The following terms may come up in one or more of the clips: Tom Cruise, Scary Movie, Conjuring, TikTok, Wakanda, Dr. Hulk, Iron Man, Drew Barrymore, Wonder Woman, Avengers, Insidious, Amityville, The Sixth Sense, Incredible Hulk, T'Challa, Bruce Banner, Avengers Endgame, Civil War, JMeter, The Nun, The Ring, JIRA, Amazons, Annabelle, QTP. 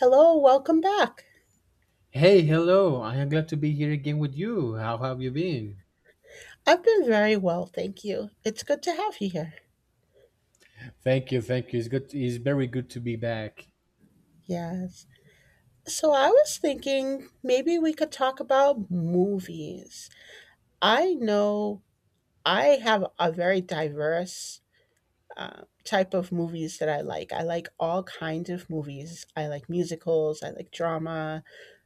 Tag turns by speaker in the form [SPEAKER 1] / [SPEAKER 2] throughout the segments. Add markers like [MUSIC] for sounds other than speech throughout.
[SPEAKER 1] Hello, welcome back.
[SPEAKER 2] Hey, hello. I am glad to be here again with you. How have you been?
[SPEAKER 1] I've been very well, thank you. It's good to have you here.
[SPEAKER 2] Thank you, thank you. It's good. It's very good to be back.
[SPEAKER 1] Yes. So I was thinking maybe we could talk about movies. I know I have a very diverse type of movies that I like. I like all kinds of movies. I like musicals, I like drama,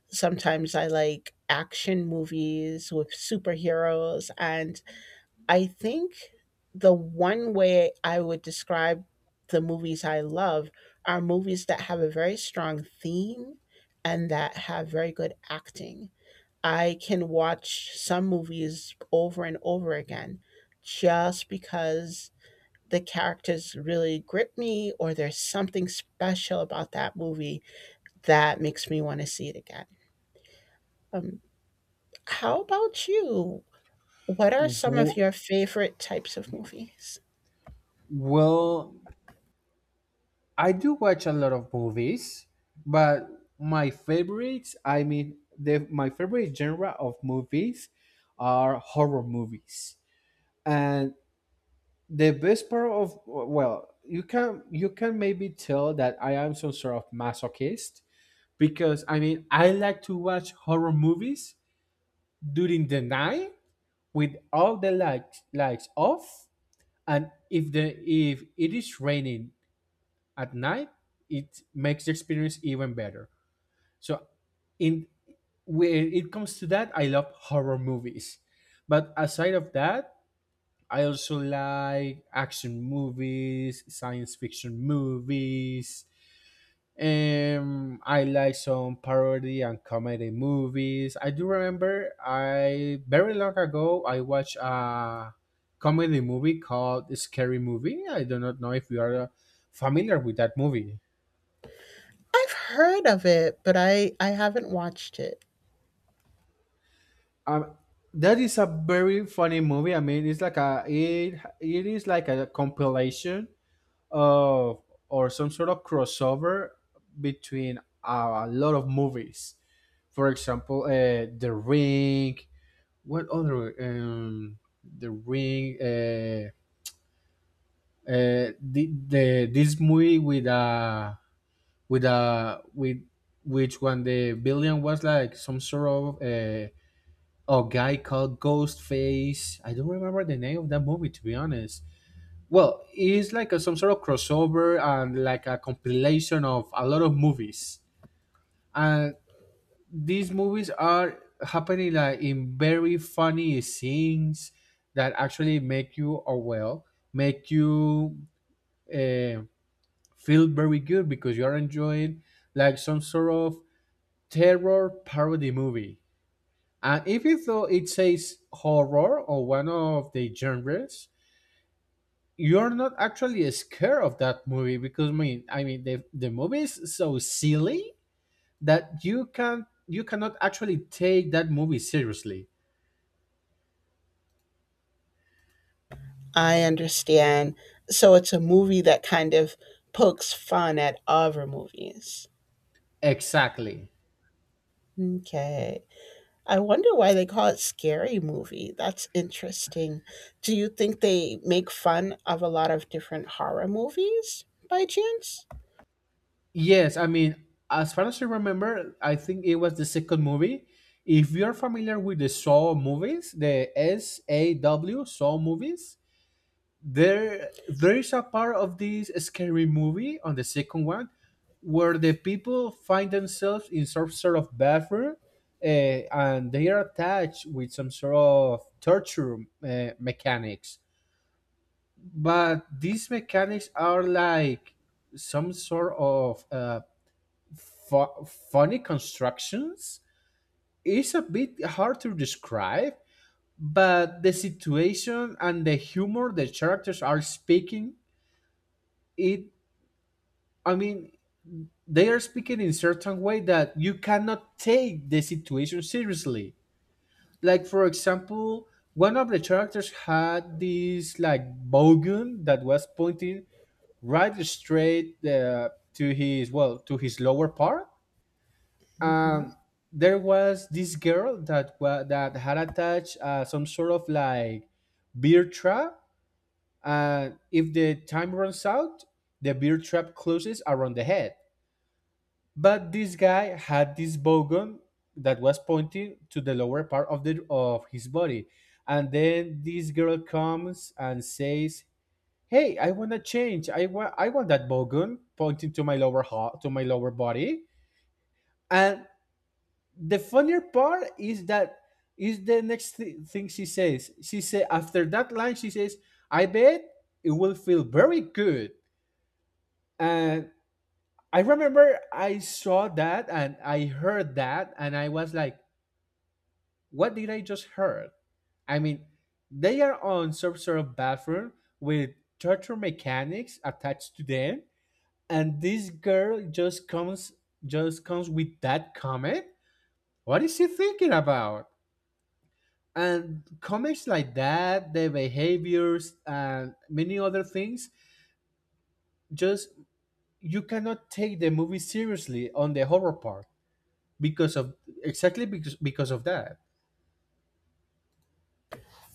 [SPEAKER 1] sometimes I like action movies with superheroes and I think the one way I would describe the movies I love are movies that have a very strong theme and that have very good acting. I can watch some movies over and over again just because the characters really grip me or there's something special about that movie that makes me want to see it again. Um, how about you? What are some of
[SPEAKER 2] W-
[SPEAKER 1] your favorite types of movies?
[SPEAKER 2] Well, I do watch a lot of movies, but my favorites, my favorite genre of movies are horror movies. And the best part of, well, you can maybe tell that I am some sort of masochist because I like to watch horror movies during the night with all the lights off, and if the if it is raining at night, it makes the experience even better. So in When it comes to that, I love horror movies, but aside of that, I also like action movies, science fiction movies. I like some parody and comedy movies. I do remember I very long ago I watched a comedy movie called Scary Movie. I do not know if you are familiar with that movie.
[SPEAKER 1] I've heard of it, but I haven't watched it.
[SPEAKER 2] Um, that is a very funny movie. It's like a it it is like a compilation of, or some sort of crossover between a lot of movies. For example, The Ring. What other? The Ring. The This movie with a with a with which when the villain was like some sort of a guy called Ghostface. I don't remember the name of that movie, to be honest. Well, it's like a, some sort of crossover and like a compilation of a lot of movies. And these movies are happening like in very funny scenes that actually make you, or well, make you uh, feel very good because you are enjoying like some sort of terror parody movie. And even though it says horror or one of the genres, you're not actually scared of that movie because I mean the movie is so silly that you cannot actually take that movie seriously.
[SPEAKER 1] I understand. So it's a movie that kind of pokes fun at other movies.
[SPEAKER 2] Exactly.
[SPEAKER 1] Okay. I wonder why they call it Scary Movie. That's interesting. Do you think they make fun of a lot of different horror movies by chance?
[SPEAKER 2] Yes, as far as I remember, I think it was the second movie. If you're familiar with the Saw movies, the S A W Saw movies, there is a part of this scary movie on the second one where the people find themselves in some sort of bathroom, and they are attached with some sort of torture mechanics, but these mechanics are like some sort of fu- funny constructions. It's a bit hard to describe, but the situation and the humor, the characters are speaking it, i mean they are speaking in certain way that you cannot take the situation seriously. Like, for example, one of the characters had this like bowgun that was pointing right straight to his, well, to his lower part.
[SPEAKER 1] hmm
[SPEAKER 2] And there was this girl that that had attached some sort of like beer trap, and if the time runs out, the beer trap closes around the head. But this guy had this bow gun that was pointing to the lower part of the of his body. And then this girl comes and says, "Hey, I want to change. I want that bow gun pointing to my lower heart, to my lower body." And the funnier part is that is the next thing she says. She said after that line, she says, "I bet it will feel very good." And I remember I saw that and I heard that and I was like, what did I just heard? I mean, they are on some sort of bathroom with torture mechanics attached to them, and this girl just comes with that comment. What is she thinking about? And comments like that, the behaviors, and many other things, just, you cannot take the movie seriously on the horror part because of, exactly, because of that.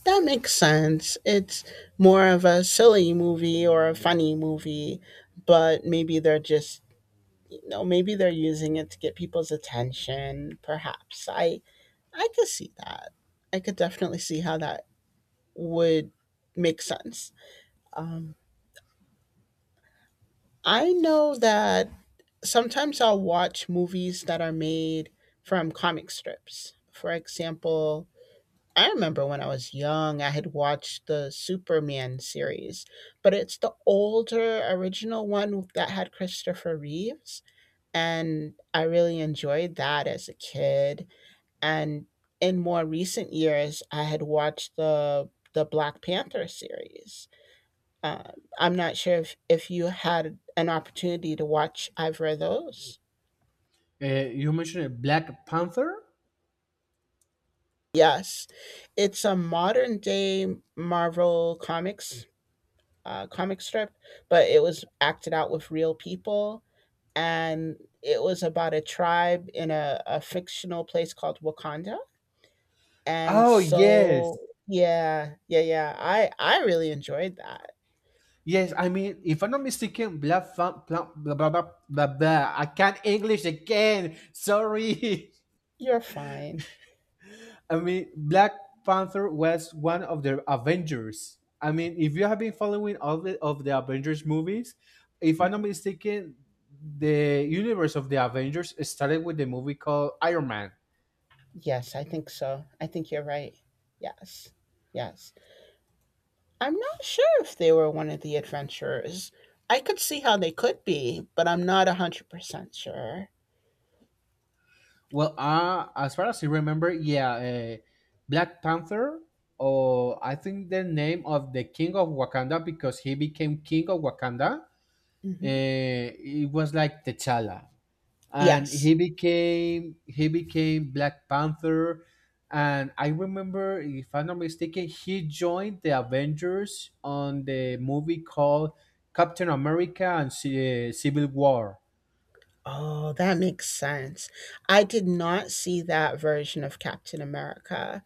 [SPEAKER 1] That makes sense. It's more of a silly movie or a funny movie, but maybe they're just no, maybe they're using it to get people's attention, perhaps. I could see that. I could definitely see how that would make sense. Um, I know that sometimes I'll watch movies that are made from comic strips. For example, I remember when I was young, I had watched the Superman series, but it's the older original one that had Christopher Reeves. And I really enjoyed that as a kid. And in more recent years, I had watched the Black Panther series. Um, I'm not sure if you had an opportunity to watch either of those.
[SPEAKER 2] You mentioned Black Panther.
[SPEAKER 1] Yes, it's a modern day Marvel comics comic strip, but it was acted out with real people, and it was about a tribe in a fictional place called Wakanda. And
[SPEAKER 2] Oh
[SPEAKER 1] so,
[SPEAKER 2] yes.
[SPEAKER 1] yeah, yeah, yeah. I really enjoyed that.
[SPEAKER 2] Yes, if I'm not mistaken, blah, blah, blah, blah, blah, blah, blah, blah. I can't English again. Sorry.
[SPEAKER 1] You're fine.
[SPEAKER 2] [LAUGHS] I mean, Black Panther was one of the Avengers. I mean, if you have been following all the, of the Avengers movies, if I'm not
[SPEAKER 1] Mhm.
[SPEAKER 2] mistaken, the universe of the Avengers started with the movie called Iron Man.
[SPEAKER 1] Yes, I think so. I think you're right. Yes. Yes. I'm not sure if they were one of the adventurers. I could see how they could be, but I'm not 100% sure.
[SPEAKER 2] Well, as far as I remember, yeah, Black Panther, or I think the name of the King of Wakanda, because he became King of Wakanda.
[SPEAKER 1] Hmm.
[SPEAKER 2] It was like T'Challa, and
[SPEAKER 1] Yes.
[SPEAKER 2] he became Black Panther, and I remember, if I'm not mistaken, he joined the Avengers on the movie called Captain America and Civil War.
[SPEAKER 1] Oh, that makes sense. I did not see that version of Captain America.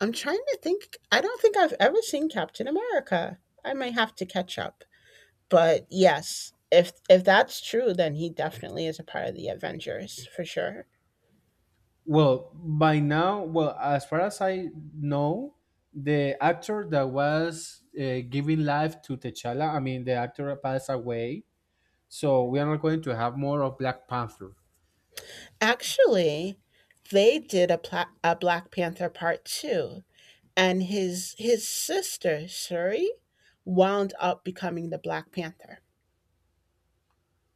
[SPEAKER 1] I'm trying to think. I don't think I've ever seen Captain America. I might have to catch up. But yes, if that's true, then he definitely is a part of the Avengers for sure.
[SPEAKER 2] Well, by now, well, as far as I know, the actor that was giving life to T'Challa, the actor passed away, so we are not going to have more of Black Panther.
[SPEAKER 1] Actually, they did a, a Black Panther part two, and his sister Shuri wound up becoming the Black Panther.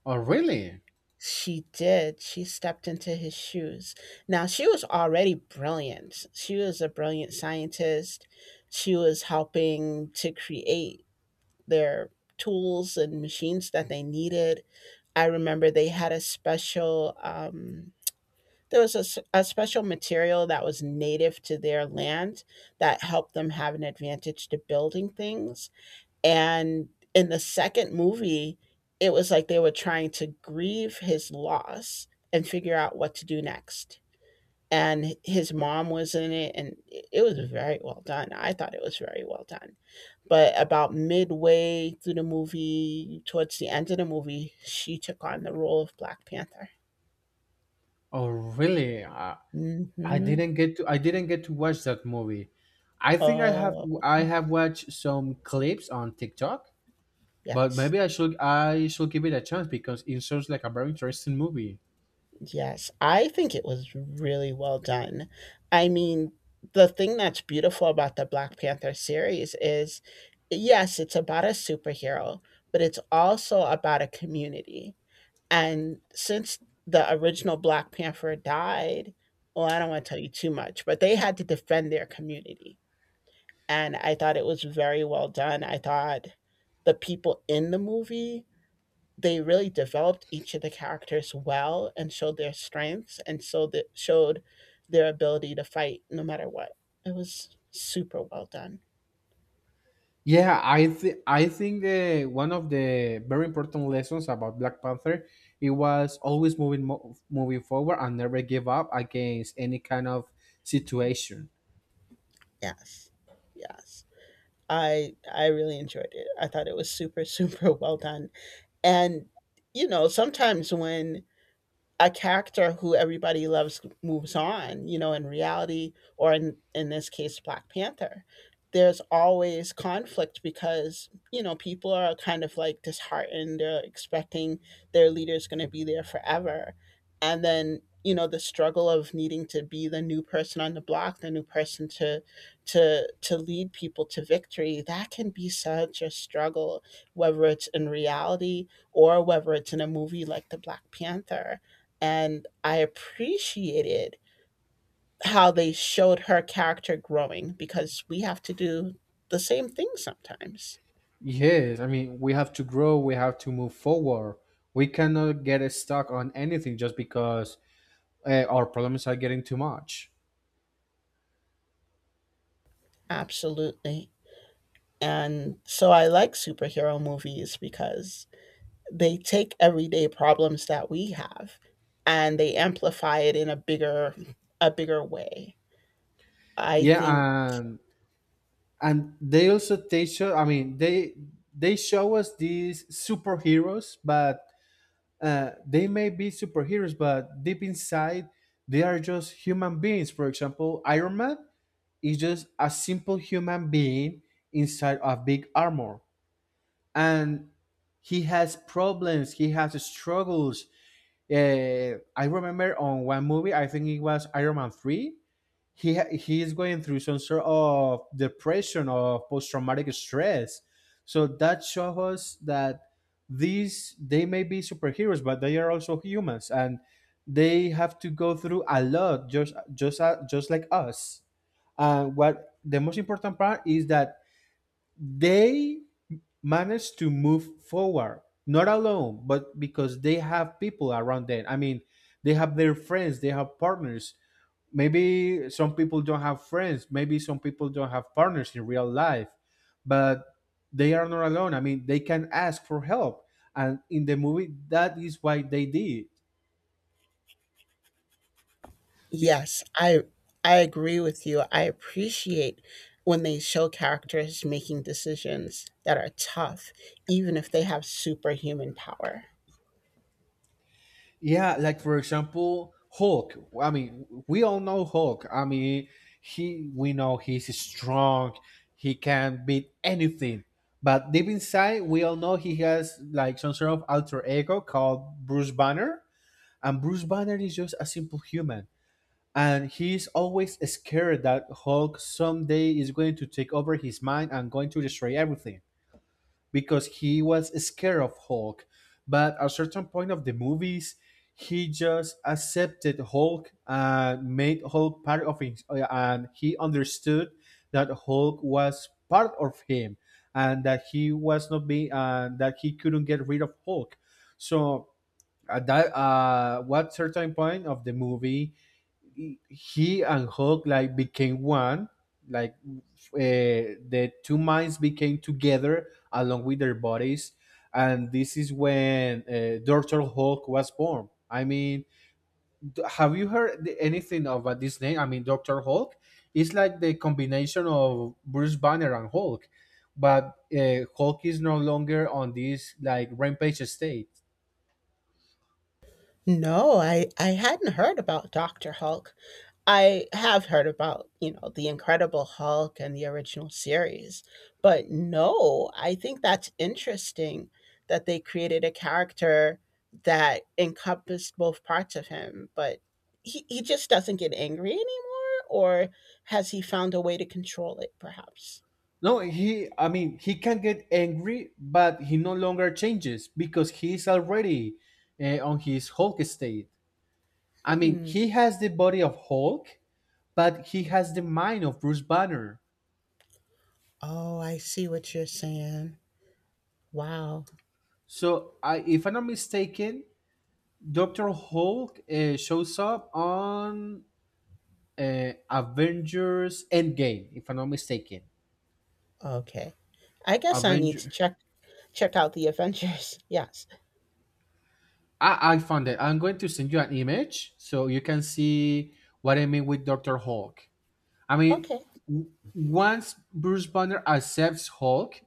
[SPEAKER 2] Oh, really?
[SPEAKER 1] She did. She stepped into his shoes. Now she was already brilliant. She was a brilliant scientist. She was helping to create their tools and machines that they needed. I remember they had a special, there was a, a special material that was native to their land that helped them have an advantage to building things. And in the second movie, it was like they were trying to grieve his loss and figure out what to do next. And his mom was in it, and it it was very well done. I thought it was very well done. But about midway through the movie, towards the end of the movie, she took on the role of Black Panther.
[SPEAKER 2] Oh, really?
[SPEAKER 1] hmm
[SPEAKER 2] I didn't get to watch that movie. I think I have.
[SPEAKER 1] Oh,
[SPEAKER 2] I have watched some clips on TikTok, but
[SPEAKER 1] yes.
[SPEAKER 2] maybe I should. I should give it a chance because it sounds like a very interesting movie.
[SPEAKER 1] Yes. I think it was really well done. I mean, the thing that's beautiful about the Black Panther series is yes, it's about a superhero, but it's also about a community. And since the original Black Panther died, well, I don't want to tell you too much, but they had to defend their community and I thought it was very well done. I thought the people in the movie, they really developed each of the characters well and showed their strengths and so that showed their ability to fight no matter what. It was super well done.
[SPEAKER 2] Yeah, I think the one of the very important lessons about Black Panther, it was always moving forward and never give up against any kind of situation.
[SPEAKER 1] Yes. Yes. I really enjoyed it. I thought it was super super [LAUGHS] well done. And sometimes when a character who everybody loves moves on, you know, in reality, or in this case, Black Panther, there's always conflict because, you know, people are kind of like disheartened, they're expecting their leader's going to be there forever. And then, you know, the struggle of needing to be the new person on the block, the new person to to lead people to victory, that can be such a struggle, whether it's in reality or whether it's in a movie like the Black Panther and I appreciated how they showed her character growing because we have to do the same thing sometimes.
[SPEAKER 2] Yes, I mean, we have to grow, we have to move forward. We cannot get stuck on anything just because our problems are getting too much.
[SPEAKER 1] Absolutely. And so I like superhero movies because they take everyday problems that we have and they amplify it in a bigger way. I
[SPEAKER 2] Yeah,
[SPEAKER 1] think
[SPEAKER 2] and they also teach us. They show us these superheroes, but they may be superheroes, but deep inside, they are just human beings. For example, Iron Man is just a simple human being inside a big armor, and he has problems. He has struggles. I remember on one movie, I think it was Iron Man three, he is going through some sort of depression or post traumatic stress. So that shows us that these, they may be superheroes, but they are also humans, and they have to go through a lot, just like us. And what the most important part is that they manage to move forward, not alone, but because they have people around them. I mean, they have their friends, they have partners. Maybe some people don't have friends, maybe some people don't have partners in real life, but they are not alone. I mean, they can ask for help, and in the movie, that is why they did. Be-
[SPEAKER 1] yes, I agree with you. I appreciate when they show characters making decisions that are tough, even if they have superhuman power.
[SPEAKER 2] yeah, like for example, Hulk. We all know Hulk. I mean he We know he's strong, he can beat anything, but deep inside we all know he has like some sort of alter ego called Bruce Banner, and Bruce Banner is just a simple human, and he's always scared that Hulk someday is going to take over his mind and going to destroy everything because he was scared of Hulk. But at a certain point of the movies, he just accepted Hulk and made Hulk part of him, and he understood that Hulk was part of him, and that he was not being, that he couldn't get rid of Hulk. So at that, what certain point of the movie, he and Hulk like became one. Like, the two minds became together along with their bodies, and this is when Doctor Hulk was born. I mean, have you heard anything about this name? I mean, Doctor Hulk is like the combination of Bruce Banner and Hulk, but Hulk is no longer on this like rampage state.
[SPEAKER 1] No, I hadn't heard about Dr. Hulk. I have heard about, you know, the Incredible Hulk and the original series, but no, I think that's interesting that they created a character that encompassed both parts of him, but he just doesn't get angry anymore, or has he found a way to control it, perhaps?
[SPEAKER 2] No, he, he can get angry, but he no longer changes because he's already on his Hulk state. I mean,
[SPEAKER 1] Hmm.
[SPEAKER 2] he has the body of Hulk, but he has the mind of Bruce Banner.
[SPEAKER 1] Oh, I see what you're saying. Wow.
[SPEAKER 2] So, I, if I'm not mistaken, Dr. Hulk shows up on Avengers Endgame, if I'm not mistaken.
[SPEAKER 1] Okay. I guess I need to
[SPEAKER 2] Avenger.
[SPEAKER 1] check check out the Avengers. [LAUGHS] Yes.
[SPEAKER 2] I found it. I'm going to send you an image so you can see what I mean with Dr. Hulk. I mean,
[SPEAKER 1] Okay.
[SPEAKER 2] once Bruce Banner accepts Hulk,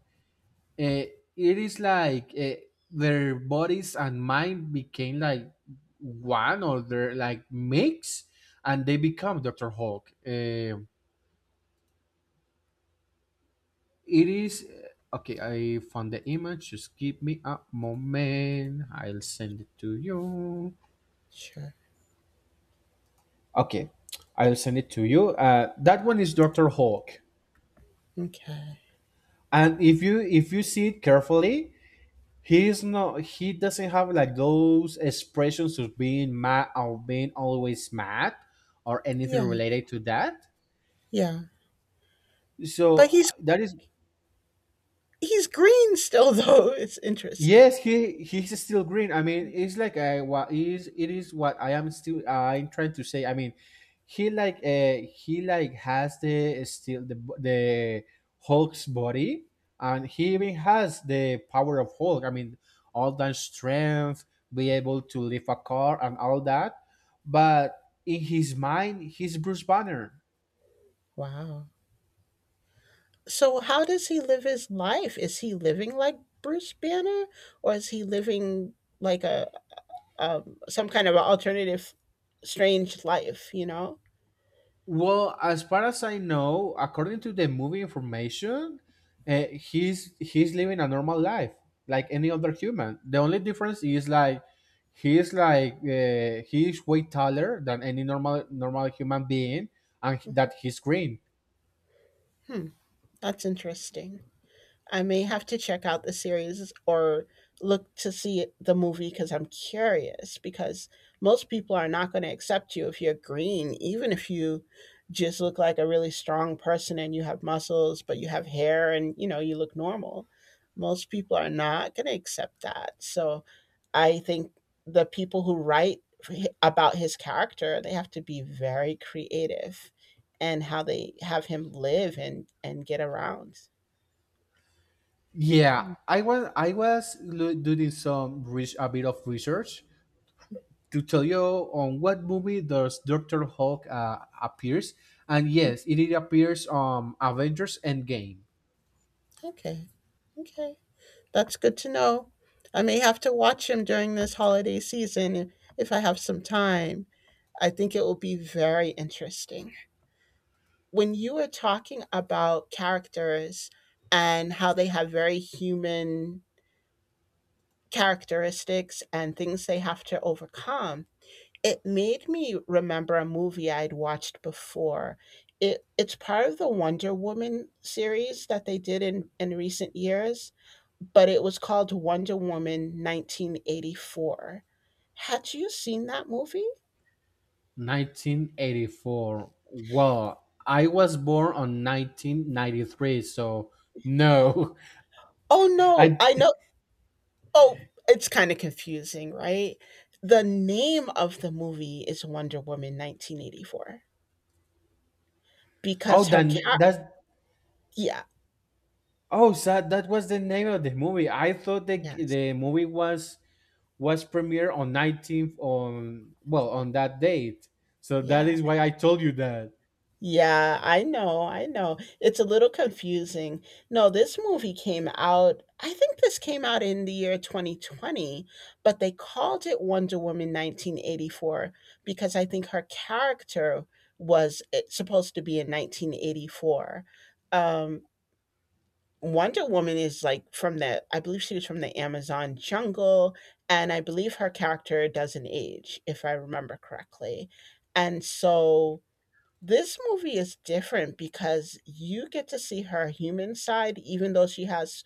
[SPEAKER 2] uh, it is like their bodies and mind became like one, or they're like mix, and they become Doctor Hulk. It is Okay, I found the image. Just give me a moment. I'll send it to you.
[SPEAKER 1] Sure.
[SPEAKER 2] Okay, I'll send it to you. That one is Doctor Hulk,
[SPEAKER 1] Okay.
[SPEAKER 2] and if you see it carefully, he's not, he doesn't have like those expressions of being mad or being always mad or anything
[SPEAKER 1] Yeah.
[SPEAKER 2] related to that.
[SPEAKER 1] Yeah.
[SPEAKER 2] So
[SPEAKER 1] But
[SPEAKER 2] that is.
[SPEAKER 1] he's green still [LAUGHS] though. It's interesting.
[SPEAKER 2] Yes, he's still green. I mean, it's like, I what is it is what I am still I'm trying to say. I mean, he like has the still the Hulk's body, and he even has the power of Hulk. I mean, all that strength, be able to lift a car and all that, but in his mind, he's Bruce Banner.
[SPEAKER 1] Wow. So how does he live his life? Is he living like Bruce Banner or is he living like a some kind of alternative strange life, you know?
[SPEAKER 2] Well, as far as I know, according to the movie information, he's living a normal life like any other human. The only difference is like he's way taller than any normal human being, and that he's green.
[SPEAKER 1] Hmm. That's interesting. I may have to check out the series or look to see the movie because I'm curious. Because most people are not going to accept you if you're green, even if you just look like a really strong person and you have muscles, but you have hair and you know you look normal. Most people are not going to accept that. So I think the people who write for about his character, they have to be very creative and how they have him live and get around.
[SPEAKER 2] Yeah, doing some a bit of research to tell you on what movie does Doctor Hulk appears, and yes, it appears on Avengers Endgame.
[SPEAKER 1] Okay. Okay. That's good to know. I may have to watch him during this holiday season if I have some time. I think it will be very interesting. When you were talking about characters and how they have very human characteristics and things they have to overcome, it made me remember a movie I'd watched before. It it's part of the Wonder Woman series that they did in recent years, but it was called Wonder Woman 1984. Had you seen that movie?
[SPEAKER 2] 1984. Well, I was born on 1993, so no.
[SPEAKER 1] Oh
[SPEAKER 2] [LAUGHS]
[SPEAKER 1] no,
[SPEAKER 2] I
[SPEAKER 1] I know. Oh, it's kind of confusing, right? The name of the movie is Wonder Woman 1984
[SPEAKER 2] oh
[SPEAKER 1] because her
[SPEAKER 2] then
[SPEAKER 1] cat
[SPEAKER 2] that
[SPEAKER 1] yeah,
[SPEAKER 2] oh, so that was the name of the movie. I thought the
[SPEAKER 1] yes.
[SPEAKER 2] the movie was premiered on 19th, on well, on that date. So that
[SPEAKER 1] Yeah.
[SPEAKER 2] is why I told you that.
[SPEAKER 1] Yeah, I know, I know. It's a little confusing. No, this movie came out, I think this came out in the year 2020, but they called it Wonder Woman 1984 because I think her character was supposed to be in 1984. Um, Wonder Woman is like from the, I believe she was from the Amazon jungle, and I believe her character doesn't age, if I remember correctly. And so this movie is different because you get to see her human side, even though she has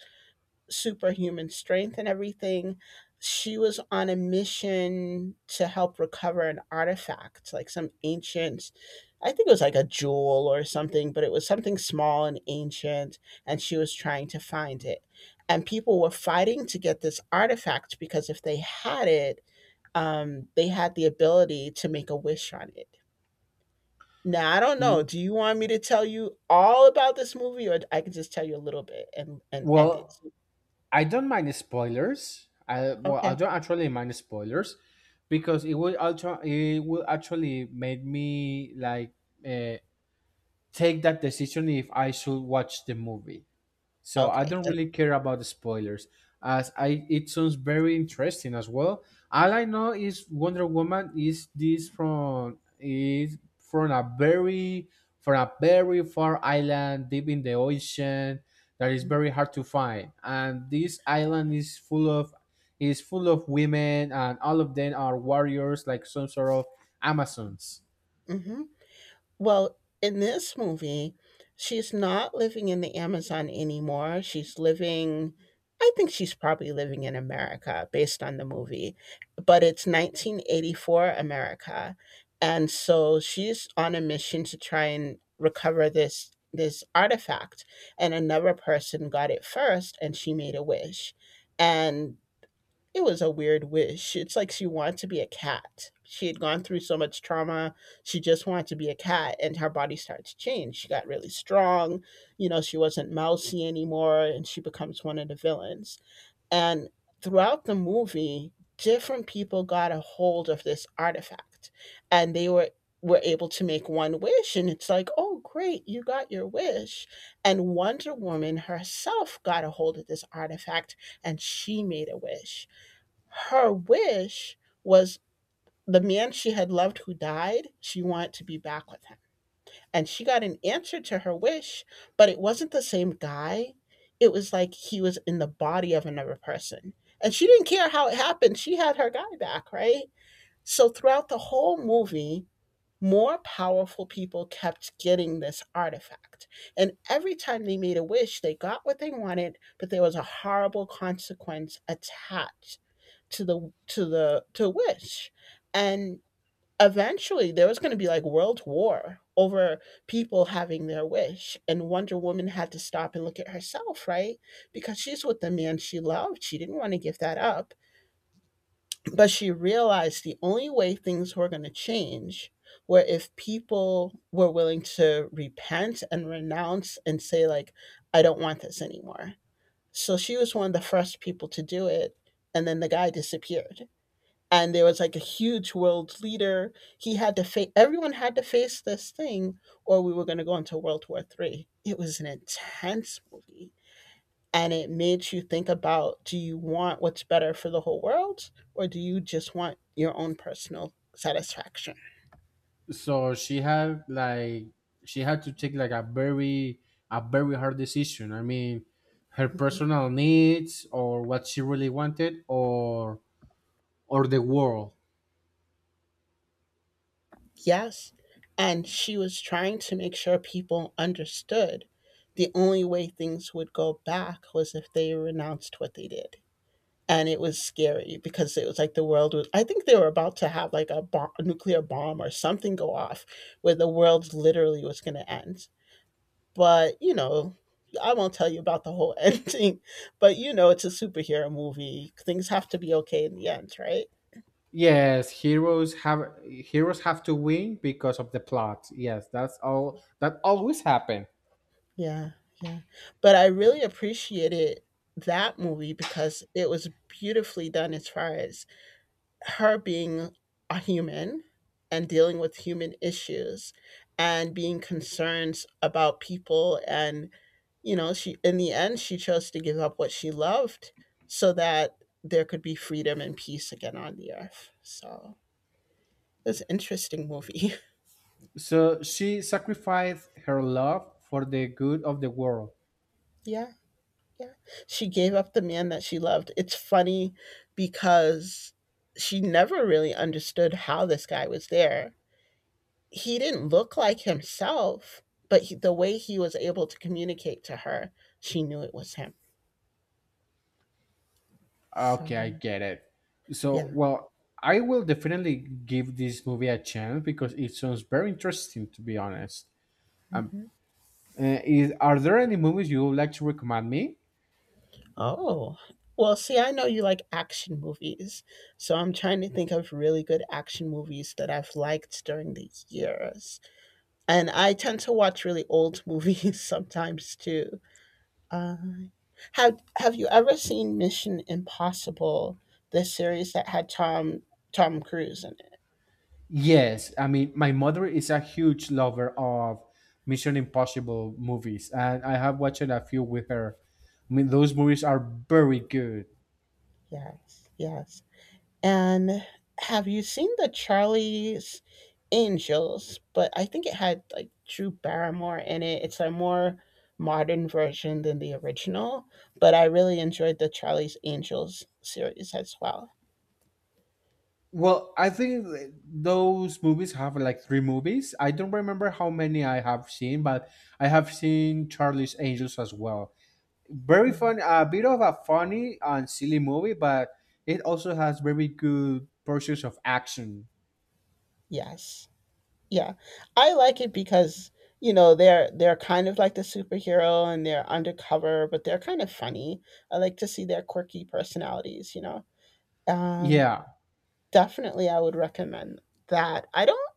[SPEAKER 1] superhuman strength and everything. She was on a mission to help recover an artifact, like some ancient, I think it was like a jewel or something, but it was something small and ancient, and she was trying to find it. And people were fighting to get this artifact because if they had it, they had the ability to make a wish on it. Now, I don't know.
[SPEAKER 2] Mm,
[SPEAKER 1] Do you want me to tell you all about this movie or I can just tell you a little bit and end it?
[SPEAKER 2] Well, I don't mind spoilers. I well, I
[SPEAKER 1] Okay.
[SPEAKER 2] don't actually mind spoilers because it will actually make me like uh, take that decision if I should watch the movie. So I
[SPEAKER 1] Okay.
[SPEAKER 2] don't
[SPEAKER 1] And
[SPEAKER 2] really care about the spoilers, as I it sounds very interesting as well. All I know is Wonder Woman is this from is from a very far island deep in the ocean that is very hard to find, and this island is full of women, and all of them are warriors like some sort of Amazons.
[SPEAKER 1] mhm. Well, in this movie, she's not living in the Amazon anymore. She's living I think she's probably living in America based on the movie, but it's 1984 America. And so she's on a mission to try and recover this this artifact and another person got it first and she made a wish. And it was a weird wish. It's like she wanted to be a cat. She had gone through so much trauma. She just wanted to be a cat, and her body started to change. She got really strong. You know, she wasn't mousy anymore, and she becomes one of the villains. And throughout the movie, different people got a hold of this artifact, and they were able to make one wish, and it's like, oh great, you got your wish. And Wonder Woman herself got a hold of this artifact, and she made a wish. Her wish was the man she had loved who died, she wanted to be back with him. And she got an answer to her wish, but it wasn't the same guy. It was like he was in the body of another person. And she didn't care how it happened. She had her guy back, right? So throughout the whole movie, more powerful people kept getting this artifact. And every time they made a wish, they got what they wanted, but there was a horrible consequence attached to which and eventually there was going to be like world war over people having their wish. And Wonder Woman had to stop and look at herself, right? Because she's with the man she loved, she didn't want to give that up. But she realized the only way things were going to change were if people were willing to repent and renounce and say like, I don't want this anymore. So she was one of the first people to do it, and then the guy disappeared. And there was like a huge world leader. He had to face everyone had to face this thing, or we were going to go into World War Three. It was an intense movie, and it made you think about: do you want what's better for the whole world, or do you just want your own personal satisfaction?
[SPEAKER 2] So she had to take like a very hard decision. I mean, her personal needs or what she really wanted, or the world.
[SPEAKER 1] Yes, and she was trying to make sure people understood. The only way things would go back was if they renounced what they did. And it was scary because it was like the world was, I think they were about to have like a bomb, a nuclear bomb or something go off where the world literally was going to end. But I won't tell you about the whole [LAUGHS] ending. But you know, it's a superhero movie, things have to be okay in the end, right?
[SPEAKER 2] Yes, heroes have to win because of the plot. Yes, that's all that always happen.
[SPEAKER 1] Yeah. Yeah. But I really appreciated that movie because it was beautifully done as far as her being a human and dealing with human issues and being concerned about people. And you know, she, in the end, she chose to give up what she loved so that there could be freedom and peace again on the earth. So it's an interesting movie.
[SPEAKER 2] So she sacrificed her love for the good of the world.
[SPEAKER 1] [LAUGHS] Yeah. Yeah. She gave up the man that she loved. It's funny because she never really understood how this guy was there. He didn't look like himself, but he, the way he was able to communicate to her, she knew it was him. So,
[SPEAKER 2] Okay, I get it. So,
[SPEAKER 1] yeah.
[SPEAKER 2] well, I will definitely give this movie a chance because it sounds very interesting, to be honest. Um,
[SPEAKER 1] Mhm.
[SPEAKER 2] are there any movies you would like to recommend me?
[SPEAKER 1] Oh, well, see, I know you like action movies. So I'm trying to think of really good action movies that I've liked during the years. And I tend to watch really old [LAUGHS] movies sometimes too. Uh, have you ever seen Mission Impossible, the series that had Tom Cruise in it?
[SPEAKER 2] Yes, I mean, my mother is a huge lover of Mission Impossible movies, and I have watched a few with her. I mean, those movies are very good.
[SPEAKER 1] Yes, yes. And have you seen the Charlie's Angels? But I think it had like Drew Barrymore in it. It's a more modern version than the original, but I really enjoyed the Charlie's Angels series as well.
[SPEAKER 2] Well, I think those movies have like three movies. I don't remember how many I have seen, but I have seen Charlie's Angels as well. Very
[SPEAKER 1] Yeah.
[SPEAKER 2] fun, a bit of a funny and silly movie, but it also has very good portions of action.
[SPEAKER 1] Yes. Yeah. I like it because you know, they're kind of like the superhero and they're undercover, but they're kind of funny. I like to see their quirky personalities. You know. Um,
[SPEAKER 2] Yeah.
[SPEAKER 1] Definitely, I would recommend that. I don't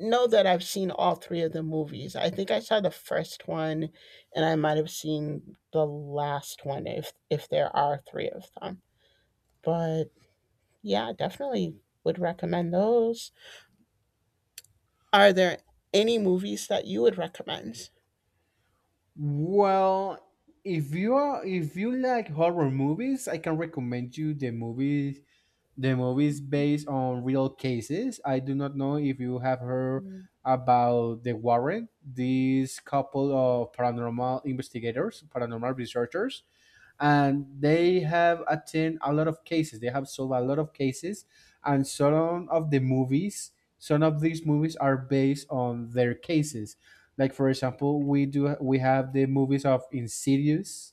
[SPEAKER 1] know that I've seen all 3 of the movies. I think I saw the first one, and I might have seen the last one if there are 3 of them. But yeah, definitely would recommend those. Are there any movies that you would recommend?
[SPEAKER 2] Well, if you are if you like horror movies, I can recommend you the movie. The movie is based on real cases. I do not know if you have heard
[SPEAKER 1] Mhm.
[SPEAKER 2] about the Warren, this couple of paranormal investigators, paranormal researchers, and they have attended a lot of cases. They have solved a lot of cases, and some of the movies, some of these movies are based on their cases. Like for example, we have the movies of Insidious,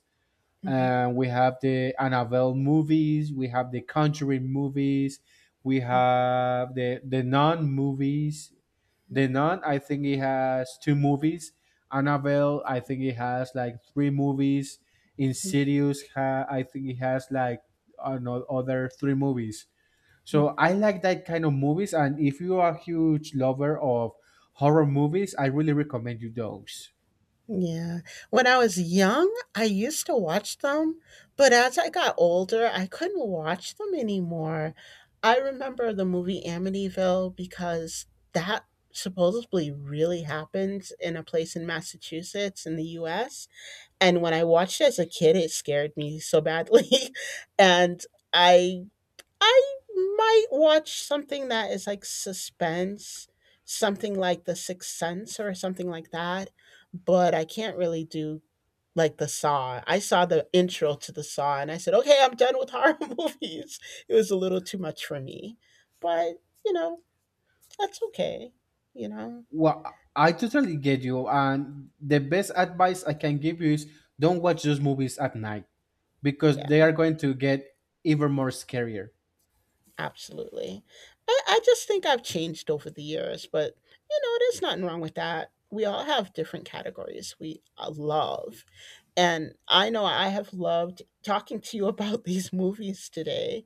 [SPEAKER 1] Mhm.
[SPEAKER 2] we have the Annabelle movies. We have the Conjuring movies. We have the Nun movies.
[SPEAKER 1] Mhm.
[SPEAKER 2] The Nun, I think it has two movies. Annabelle, I think it has like three movies.
[SPEAKER 1] Mhm.
[SPEAKER 2] Insidious, I think it has like another three movies. So I like that kind of movies, and if you are a huge lover of horror movies, I really recommend you those.
[SPEAKER 1] Yeah. When I was young, I used to watch them, but as I got older, I couldn't watch them anymore. I remember the movie Amityville because that supposedly really happened in a place in Massachusetts in the US. And when I watched it as a kid, it scared me so badly. [LAUGHS] And I I might watch something that is like suspense, something like The Sixth Sense or something like that, but I can't really do like the Saw. I saw the intro to the Saw and I said, "Okay, I'm done with horror [LAUGHS] movies." It was a little too much for me. But, you know, that's okay, you know.
[SPEAKER 2] Well, I totally get you. And the best advice I can give you is don't watch those movies at night because they
[SPEAKER 1] Yeah.
[SPEAKER 2] are going to get even more scarier.
[SPEAKER 1] Absolutely. I just think I've changed over the years, but you know, there's nothing wrong with that. We all have different categories we love. And I know I have loved talking to you [LAUGHS] about these movies today.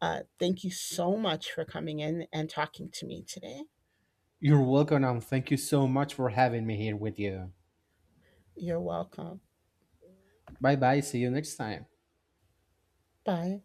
[SPEAKER 1] Thank you so much for coming in and talking to me today.
[SPEAKER 2] You're welcome, and thank you so much for having me here with you.
[SPEAKER 1] You're welcome.
[SPEAKER 2] Bye bye. See you next time.
[SPEAKER 1] Bye.